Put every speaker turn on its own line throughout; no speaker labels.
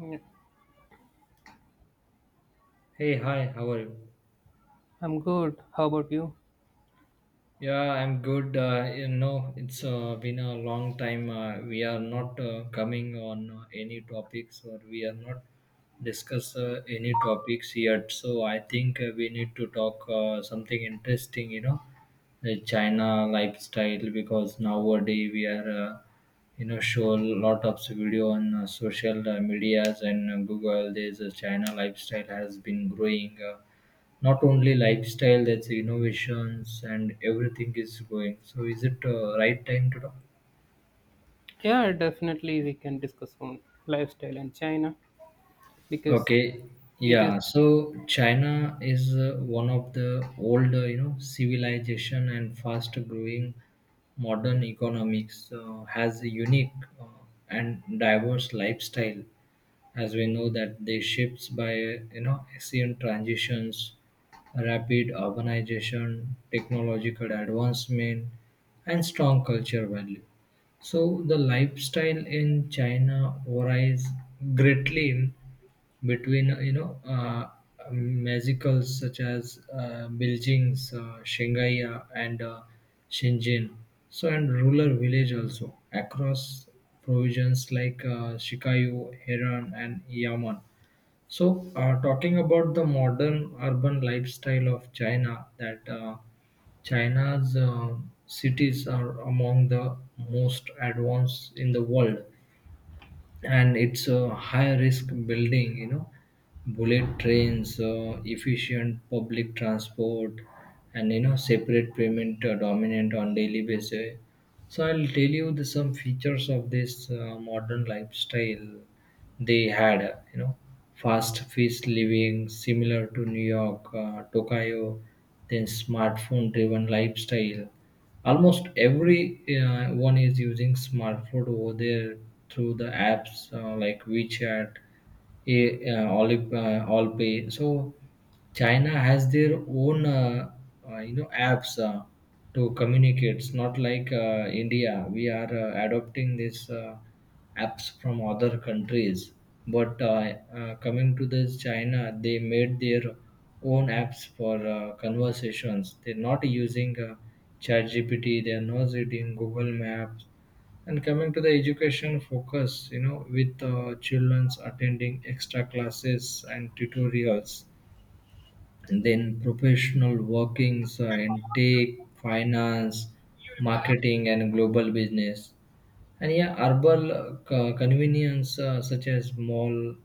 Yeah,
Hey, hi, how are you?
I'm good. How about you?
Yeah, I'm good. It's been a long time. We are not coming on any topics, or we are not discuss any topics yet. So I think we need to talk something interesting, you know, the China lifestyle, because nowadays we are uh, show a lot of video on social medias, and google there's a china lifestyle has been growing, not only lifestyle, that's innovations and everything is going. So is it right time to talk?
Yeah, definitely we can discuss on lifestyle and China because
Okay,
it is
yeah. So China is one of the older, you know, civilization and fast-growing modern economics has a unique uh, and diverse lifestyle. As we know that they shifts by you know ancient transitions, rapid urbanization, technological advancement, and strong culture value. So the lifestyle in China varies greatly in between musicals such as Beijing's, Shanghai, and Shenzhen, so and rural village also, across provisions like Shikayu, Heran, and Yaman. So talking about the modern urban lifestyle of China, that China's cities are among the most advanced in the world, and it's a high risk building, you know, bullet trains, efficient public transport, and you know separate payment dominant on daily basis. So I'll tell you the, some features of this modern lifestyle. They had you know fast feast living similar to New York, Tokyo, then smartphone driven lifestyle. Almost every one is using smartphone over there through the apps like WeChat, Alipay. So China has their own you know apps to communicate. It's not like India. We are adopting this apps from other countries. But coming to this China, they made their own apps for conversations. They're not using ChatGPT. They're not using Google Maps. And coming to the education focus, you know, with childrens attending extra classes and tutorials, and then professional workings in tech, finance, marketing, and global business. And yeah, herbal convenience such as mall,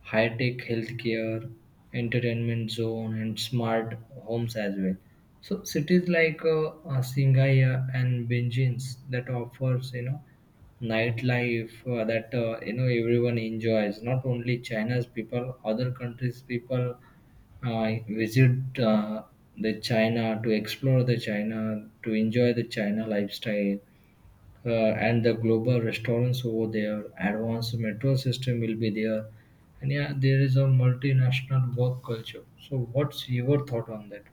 high-tech healthcare, entertainment zone, and smart homes as well. So cities like Singaya and Benjins that offers you know nightlife that you know everyone enjoys. Not only China's people, other countries' people visit the China to explore the China, to enjoy the China lifestyle, and the global restaurants over there, advanced metro system will be there, and yeah, there is a multinational work culture. So, what's your thought on that?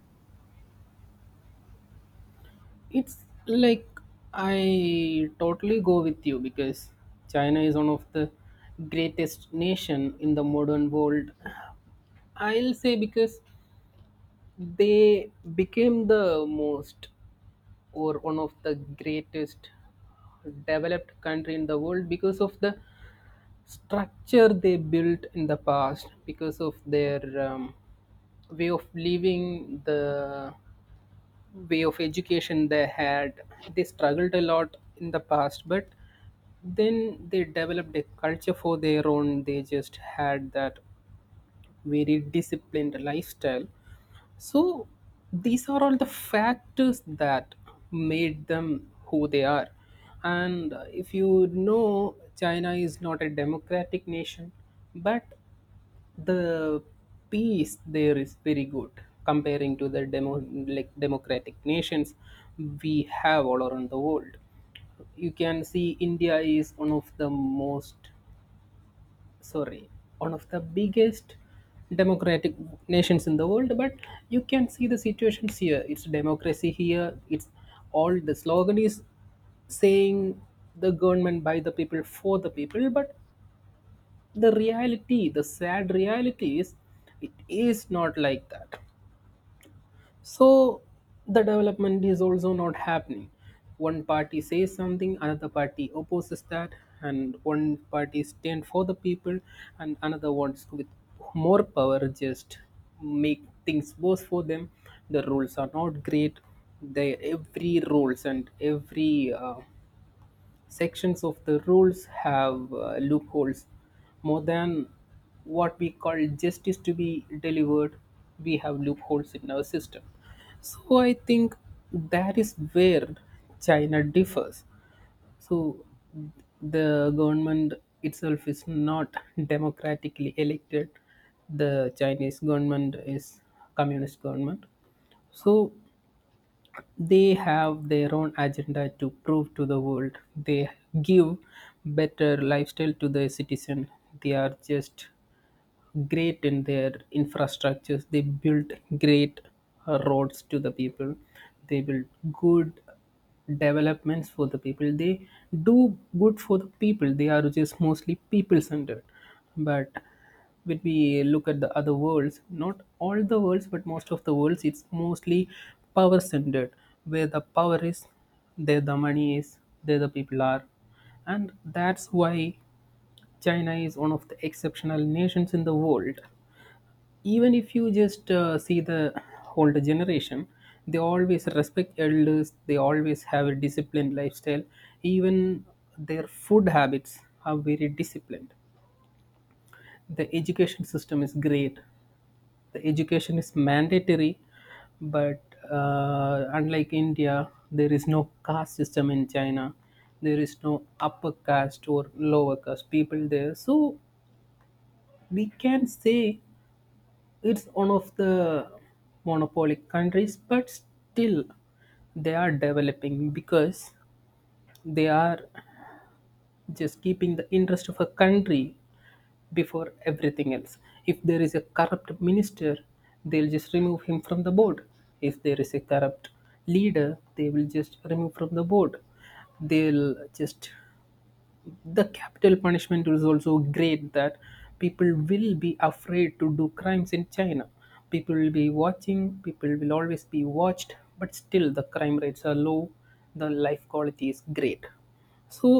it's like I totally go with you because China is one of the greatest nation in the modern world. I'll say because they became the most or one of the greatest developed country in the world because of the structure they built in the past because of their um, way of living, the way of education they had. They struggled a lot in the past, but then they developed a culture for their own. They just had that very disciplined lifestyle. So these are all the factors that made them who they are. And if you know, China is not a democratic nation, but the peace there is very good comparing to the demo, like democratic nations we have all around the world. You can see India is one of the most, sorry, one of the biggest democratic nations in the world, but you can see the situations here. It's democracy here. It's all the slogan is saying the government by the people for the people, but the reality, the sad reality is it is not like that. So the development is also not happening. One party says something, another party opposes that, and one party stand for the people, and another wants with more power just make things worse for them. The rules are not great. They every rules and every sections of the rules have loopholes more than what we call justice to be delivered. We have loopholes in our system. So I think that is where China differs. So the government itself is not democratically elected. The Chinese government is communist government. So they have their own agenda to prove to the world. They give better lifestyle to the citizen. They are just great in their infrastructures they built, great roads to the people. They built good developments for the people. They do good for the people. They are just mostly people centered. But when we look at the other worlds, not all the worlds but most of the worlds, it's mostly power centered. Where the power is, there the money is, there the people are. And that's why China is one of the exceptional nations in the world. Even if you just see the older generation, they always respect elders, they always have a disciplined lifestyle. Even their food habits are very disciplined. The education system is great, the education is mandatory, but unlike India, there is no caste system in China. There is no upper caste or lower caste people there. So we can say it's one of the monopolic countries, but still they are developing because they are just keeping the interest of a country before everything else. If there is a corrupt minister, they'll just remove him from the board. If there is a corrupt leader, they will just remove from the board. They'll just, the capital punishment is also great, that people will be afraid to do crimes in China. People will be watching, people will always be watched, but still the crime rates are low. The life quality is great. So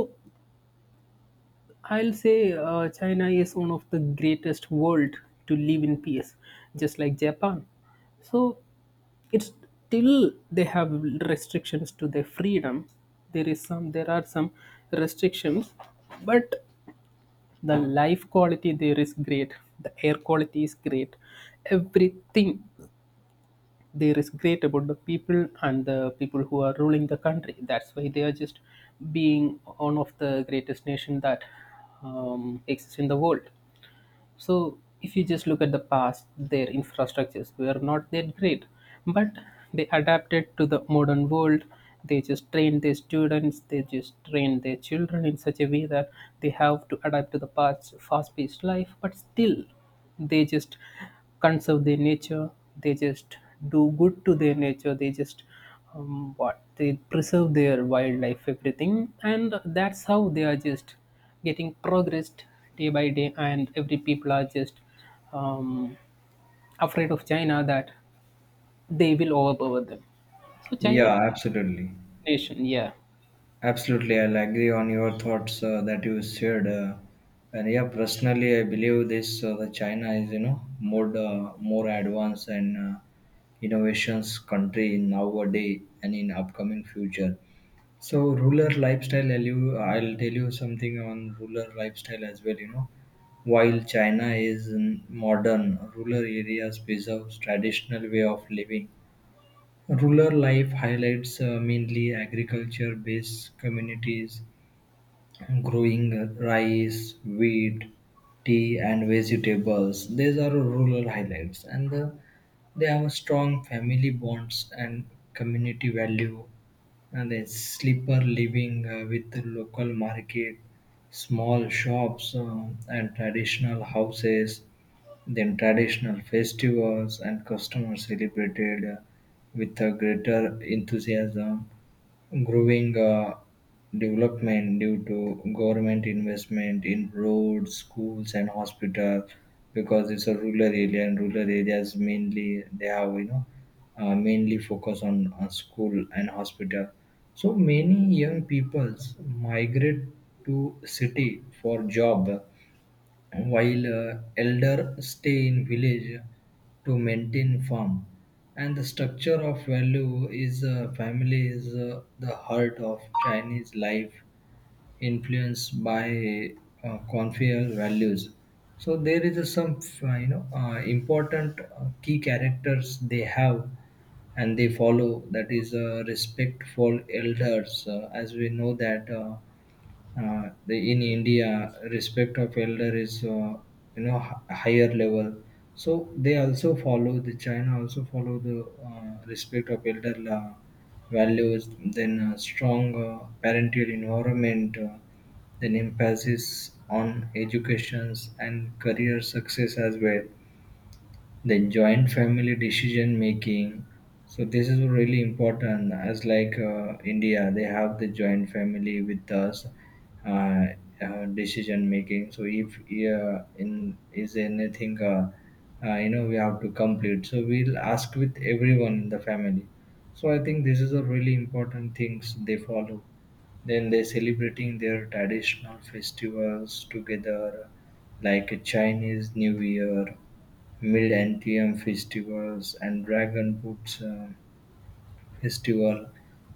I'll say China is one of the greatest world to live in peace, just like Japan. So it's till they have restrictions to their freedom. There is some, there are some restrictions, but the life quality there is great. The air quality is great. Everything there is great about the people and the people who are ruling the country. That's why they are just being one of the greatest nation that exists in the world. So if you just look at the past, their infrastructures were not that great, but they adapted to the modern world. They just trained their students, they just trained their children in such a way that they have to adapt to the past fast-paced life, but still they just conserve their nature. They just do good to their nature. They just what they preserve their wildlife, everything, and that's how they are just getting progressed day by day, and every people are just um, afraid of China that they will overpower them. So China
Yeah, absolutely.
nation. Yeah,
Absolutely, I'll agree on your thoughts that you shared. And yeah, personally, I believe this, the China is, you know, more more advanced and innovations country in nowadays and in upcoming future. So rural lifestyle, I'll tell you something on rural lifestyle as well. You know, while China is mm, modern, rural areas preserve traditional way of living. Rural life highlights mainly agriculture-based communities growing rice, wheat, tea, and vegetables. These are rural highlights, and the, they have a strong family bonds and community value, and then sleeper living with the local market, small shops, and traditional houses, then traditional festivals and customers celebrated with a greater enthusiasm, growing development due to government investment in roads, schools, and hospitals, because it's a rural area, and rural areas mainly they have you know mainly focus on school and hospital. So many young peoples migrate to city for job, while elder stay in village to maintain farm. And the structure of value is, family is the heart of Chinese life, influenced by Confucian values. So there is a some you know important key characters they have, and they follow, that is, respect for elders. As we know that, the in India, respect of elder is, you know, higher level. So they also follow the China also follow the respect of elder values. Then strong parental environment. Then emphasis on educations and career success as well, the joint family decision making. So this is really important, as like india they have the joint family with us, uh, decision making. So if in is anything you know we have to complete, so we'll ask with everyone in the family. So I think this is a really important things they follow. Then they celebrating their traditional festivals together, like a Chinese New Year, Mid Antium festivals, and Dragon Boats. Festival.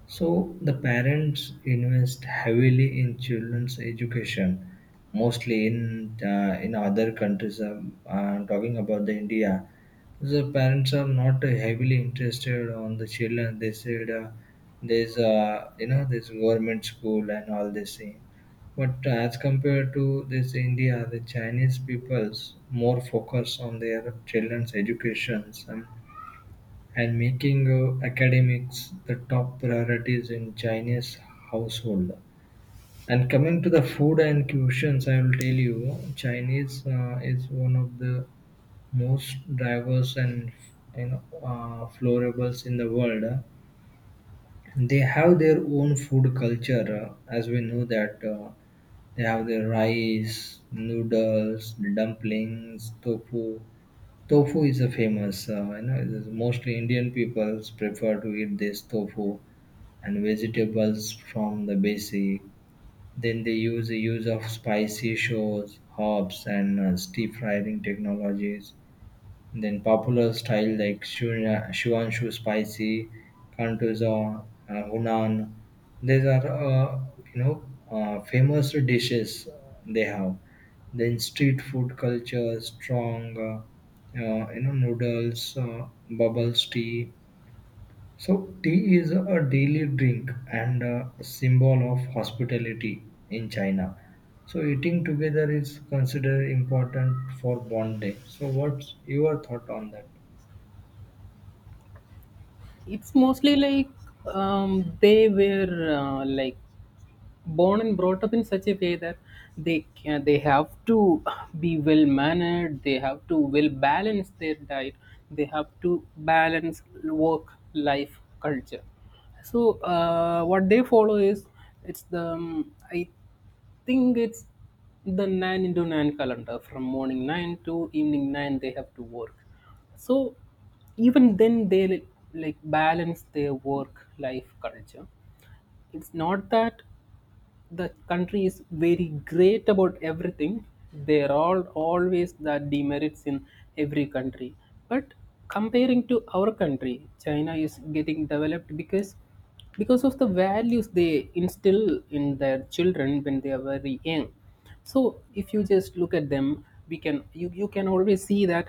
So the parents invest heavily in children's education, mostly in other countries. I'm talking about the India. The parents are not heavily interested on the children. They said there's, you know, this government school and all this thing. But as compared to this India, the Chinese peoples more focus on their children's educations, and making academics the top priorities in Chinese household. And coming to the food and cuisines, I will tell you, Chinese is one of the most diverse and you know florables in the world. They have their own food culture, as we know that, they have their rice, noodles, dumplings, tofu. Tofu is a famous, you know, it is mostly Indian peoples prefer to eat this tofu and vegetables from the basic. Then they use the use of spicy shows, herbs, and steep frying technologies, then popular style like Shu Shuanshu spicy, Kantuza, Hunan. These are you know famous dishes they have. Then street food culture strong, you know noodles, bubbles tea. So tea is a daily drink and a symbol of hospitality in China. So eating together is considered important for bonding. So what's your thought on that?
it's mostly like they were like born and brought up in such a way that they have to be well mannered. They have to well balance their diet. They have to balance work life culture. So what they follow is, it's the I think it's the 9 into 9 calendar. From morning 9 to evening 9 they have to work. So even then they like balance their work life culture. It's not that the country is very great about everything. There are always the demerits in every country. But comparing to our country, China is getting developed because of the values they instill in their children when they are very young. So if you just look at them, you can always see that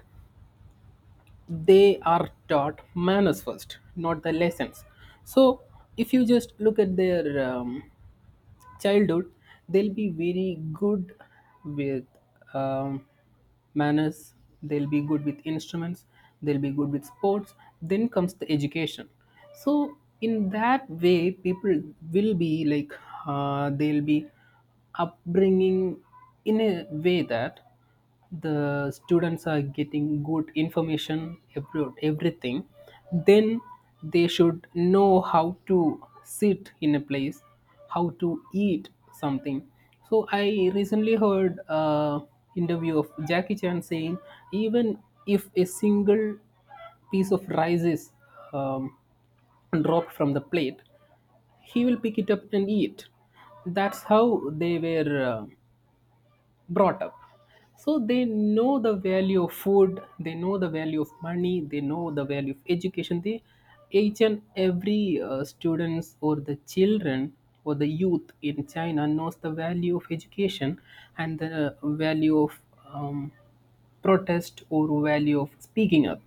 they are taught manners first, not the lessons. So if you just look at their childhood, they'll be very good with um, manners, they'll be good with instruments, they'll be good with sports. Then comes the education. So, in that way, people will be like, they'll be upbringing in a way that the students are getting good information about everything. Then they should know how to sit in a place, how to eat something. So I recently heard a interview of Jackie Chan saying even if a single piece of rice is um, dropped from the plate, he will pick it up and eat. That's how they were brought up. So they know the value of food, they know the value of money, they know the value of education. They each and every students or the children or the youth in China knows the value of education and the value of um, protest or value of speaking up,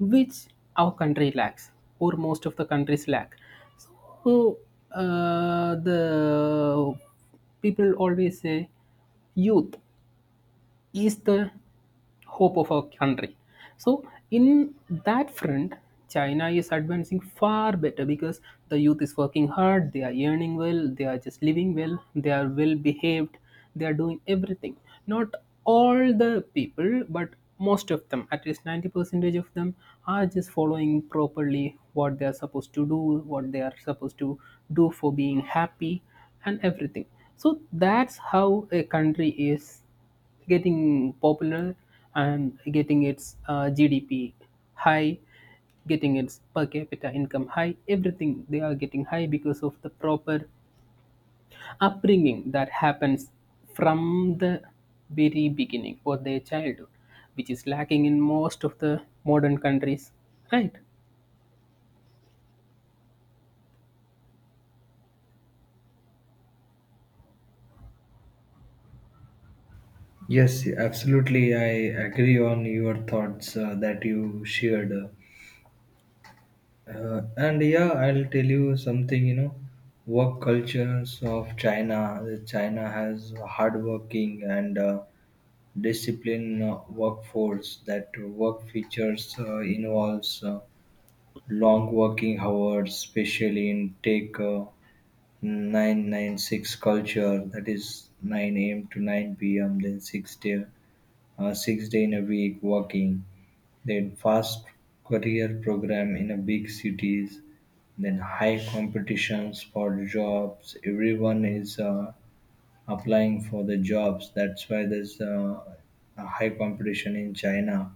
which our country lacks, or most of the countries lack. So the people always say youth is the hope of our country. So, in that front, China is advancing far better because the youth is working hard, they are earning well, they are just living well, they are well behaved, they are doing everything. Not all the people, but most of them, at least 90% of them, are just following properly what they are supposed to do, what they are supposed to do for being happy, and everything. So, that's how a country is getting popular and getting its GDP high, getting its per capita income high, everything they are getting high because of the proper upbringing that happens from the very beginning or their childhood, which is lacking in most of the modern countries, right?
Yes, absolutely. I agree on your thoughts that you shared. And yeah, I'll tell you something, you know, work cultures of China. China has hardworking and disciplined workforce, that work features involves long working hours, especially in take 996 culture, that is 9 a.m. to 9 p.m., then 6 day, 6 day in a week walking, then fast career program in a big cities, then high competitions for jobs. Everyone is applying for the jobs. That's why there's a high competition in China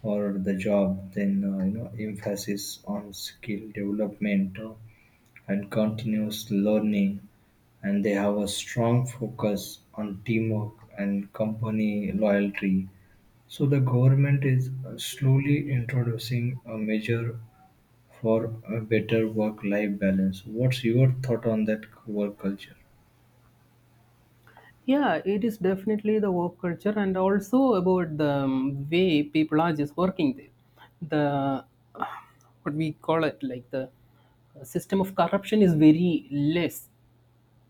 for the job. Then you know emphasis on skill development and continuous learning, and they have a strong focus on teamwork and company loyalty. So the government is slowly introducing a measure for a better work-life balance. What's your thought on that work culture?
Yeah, it is definitely the work culture and also about the way people are just working there. The what we call it like the system of corruption is very less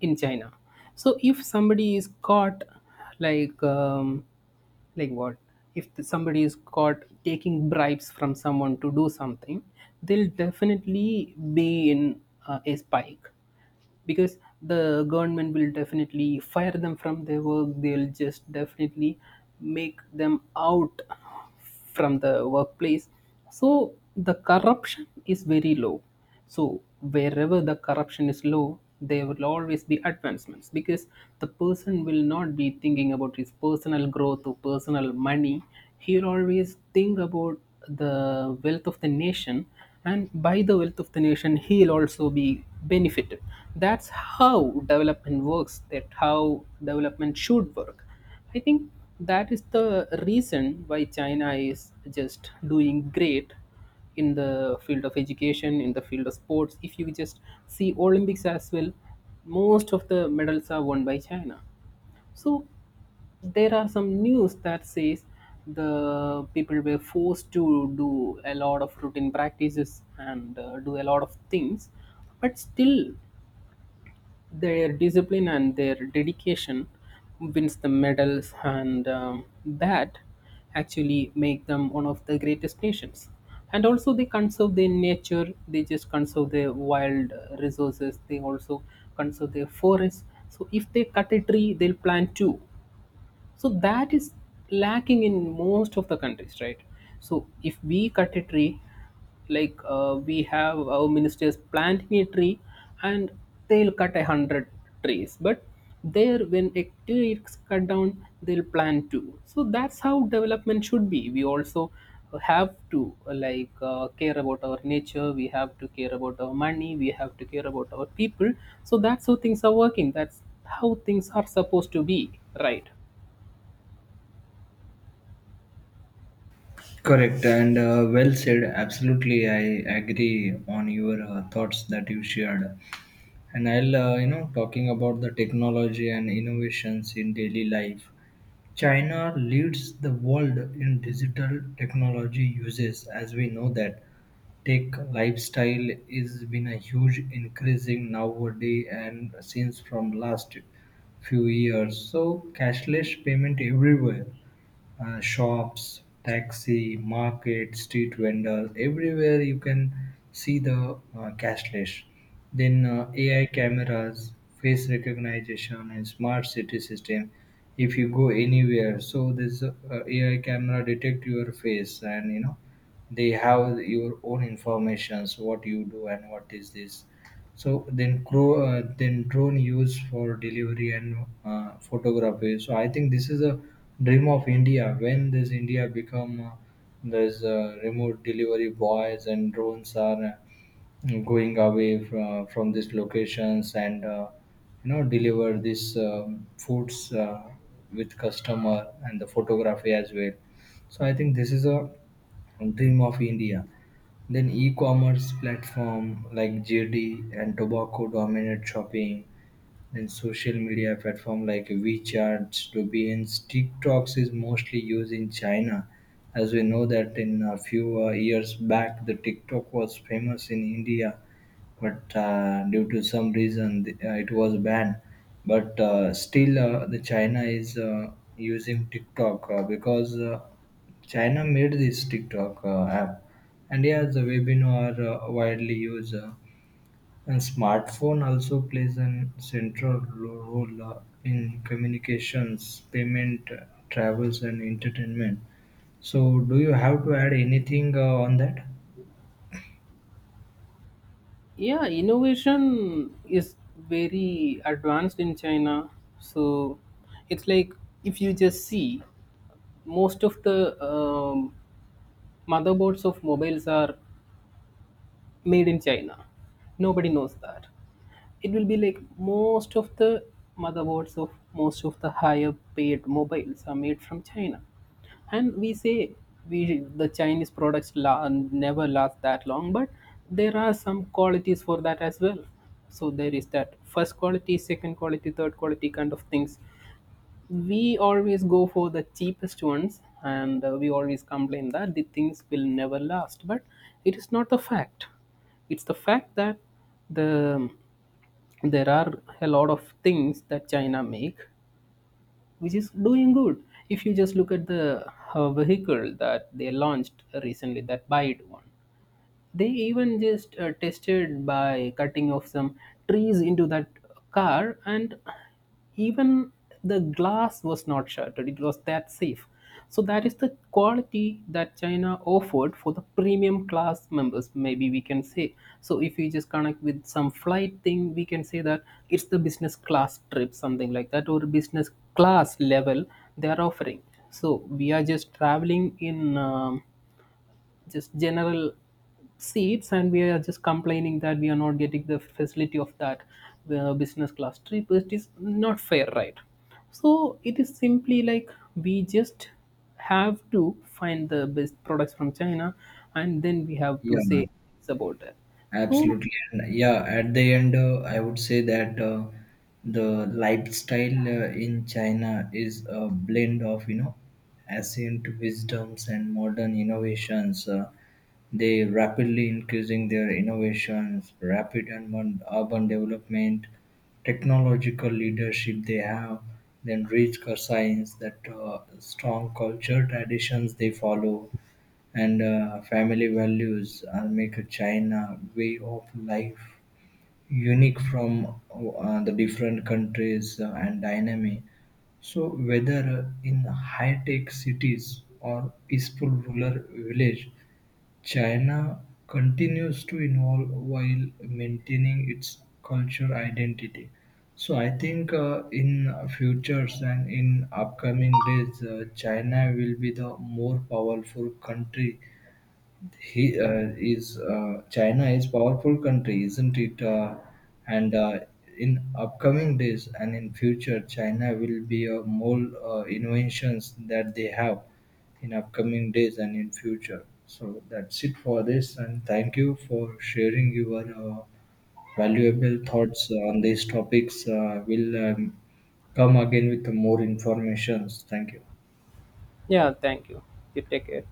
in China. So if somebody is caught like um, like what if the- somebody is caught taking bribes from someone to do something, they'll definitely be in a spike because the government will definitely fire them from their work. They'll just definitely make them out from the workplace. So the corruption is very low. So wherever the corruption is low, there will always be advancements because the person will not be thinking about his personal growth or personal money. He'll always think about the wealth of the nation, and by the wealth of the nation he'll also be benefited. That's how development works, that how development should work. I think that is the reason why China is just doing great in the field of education, in the field of sports. If you just see Olympics as well, most of the medals are won by China. So there are some news that says the people were forced to do a lot of routine practices and do a lot of things, but still their discipline and their dedication wins the medals, and that actually make them one of the greatest nations. And also, they conserve their nature. They just conserve their wild resources. They also conserve their forests. So if they cut a tree, they'll plant two. So that is lacking in most of the countries, right? So if we cut a tree, like we have our ministers planting a tree, and they'll cut 100 trees, but there when a tree is cut down, they'll plant two. So that's how development should be. We also have to like care about our nature, we have to care about our money, we have to care about our people. So that's how things are working, that's how things are supposed to be, right?
Correct, and well said. Absolutely, I agree on your thoughts that you shared. And I'll, you know, talking about the technology and innovations in daily life. China leads the world in digital technology uses, as we know that tech lifestyle is been a huge increasing nowadays and since from last few years. So cashless payment everywhere, shops, taxi, market, street vendors, everywhere you can see the cashless. Then AI cameras, face recognition, and smart city system. If you go anywhere, so this AI camera detect your face, and you know they have your own informations, what you do and what is this. So then, then drone used for delivery and photography. So I think this is a dream of India. When does India become there's remote delivery boys, and drones are going away from these locations, and you know deliver these foods with customer and the photography as well. So I think this is a dream of India. Then e-commerce platform like JD and Tobacco dominate shopping. Then social media platform like WeChat, Douyin, TikToks is mostly used in China. As we know that in a few years back, the TikTok was famous in India, but due to some reason, it was banned. But still, the China is using TikTok, because China made this TikTok app, and yeah, the webinar widely used. And smartphone also plays an central role in communications, payment, travels, and entertainment. So, do you have to add anything on that?
Yeah, innovation is very advanced in China. So it's like, if you just see, most of the motherboards of mobiles are made in China. Nobody knows that. It will be like most of the motherboards of most of the higher paid mobiles are made from China. And we say we the Chinese products never last that long, but there are some qualities for that as well. So there is that first quality, second quality, third quality kind of things. We always go for the cheapest ones, and we always complain that the things will never last, but it is not the fact. It's the fact that the there are a lot of things that China make which is doing good. If you just look at the vehicle that they launched recently, that bide one, they even just tested by cutting off some trees into that car, and even the glass was not shattered. It was that safe. So that is the quality that China offered for the premium class members, maybe we can say. So if we just connect with some flight thing, we can say that it's the business class trip, something like that, or business class level they are offering. So we are just traveling in just general seats, and we are just complaining that we are not getting the facility of that business class trip. It is not fair, right? So it is simply like we just have to find the best products from China, and then we have to
Yeah,
say it's about that. So
absolutely. And yeah, at the end, I would say that the lifestyle in China is a blend of, you know, ancient wisdoms and modern innovations. They rapidly increasing their innovations, rapid and urban development, technological leadership they have, then rich science, that strong culture traditions they follow, and family values are make China way of life unique from the different countries, and dynamic. So whether in high-tech cities or peaceful rural village, China continues to evolve while maintaining its culture identity. So I think in futures and in upcoming days, China will be the more powerful country. He is China is powerful country, isn't it? And in upcoming days and in future, China will be more inventions that they have in upcoming days and in future. So that's it for this, and thank you for sharing your valuable thoughts on these topics. We'll come again with more informations. Thank you.
yeah, thank you. You take care.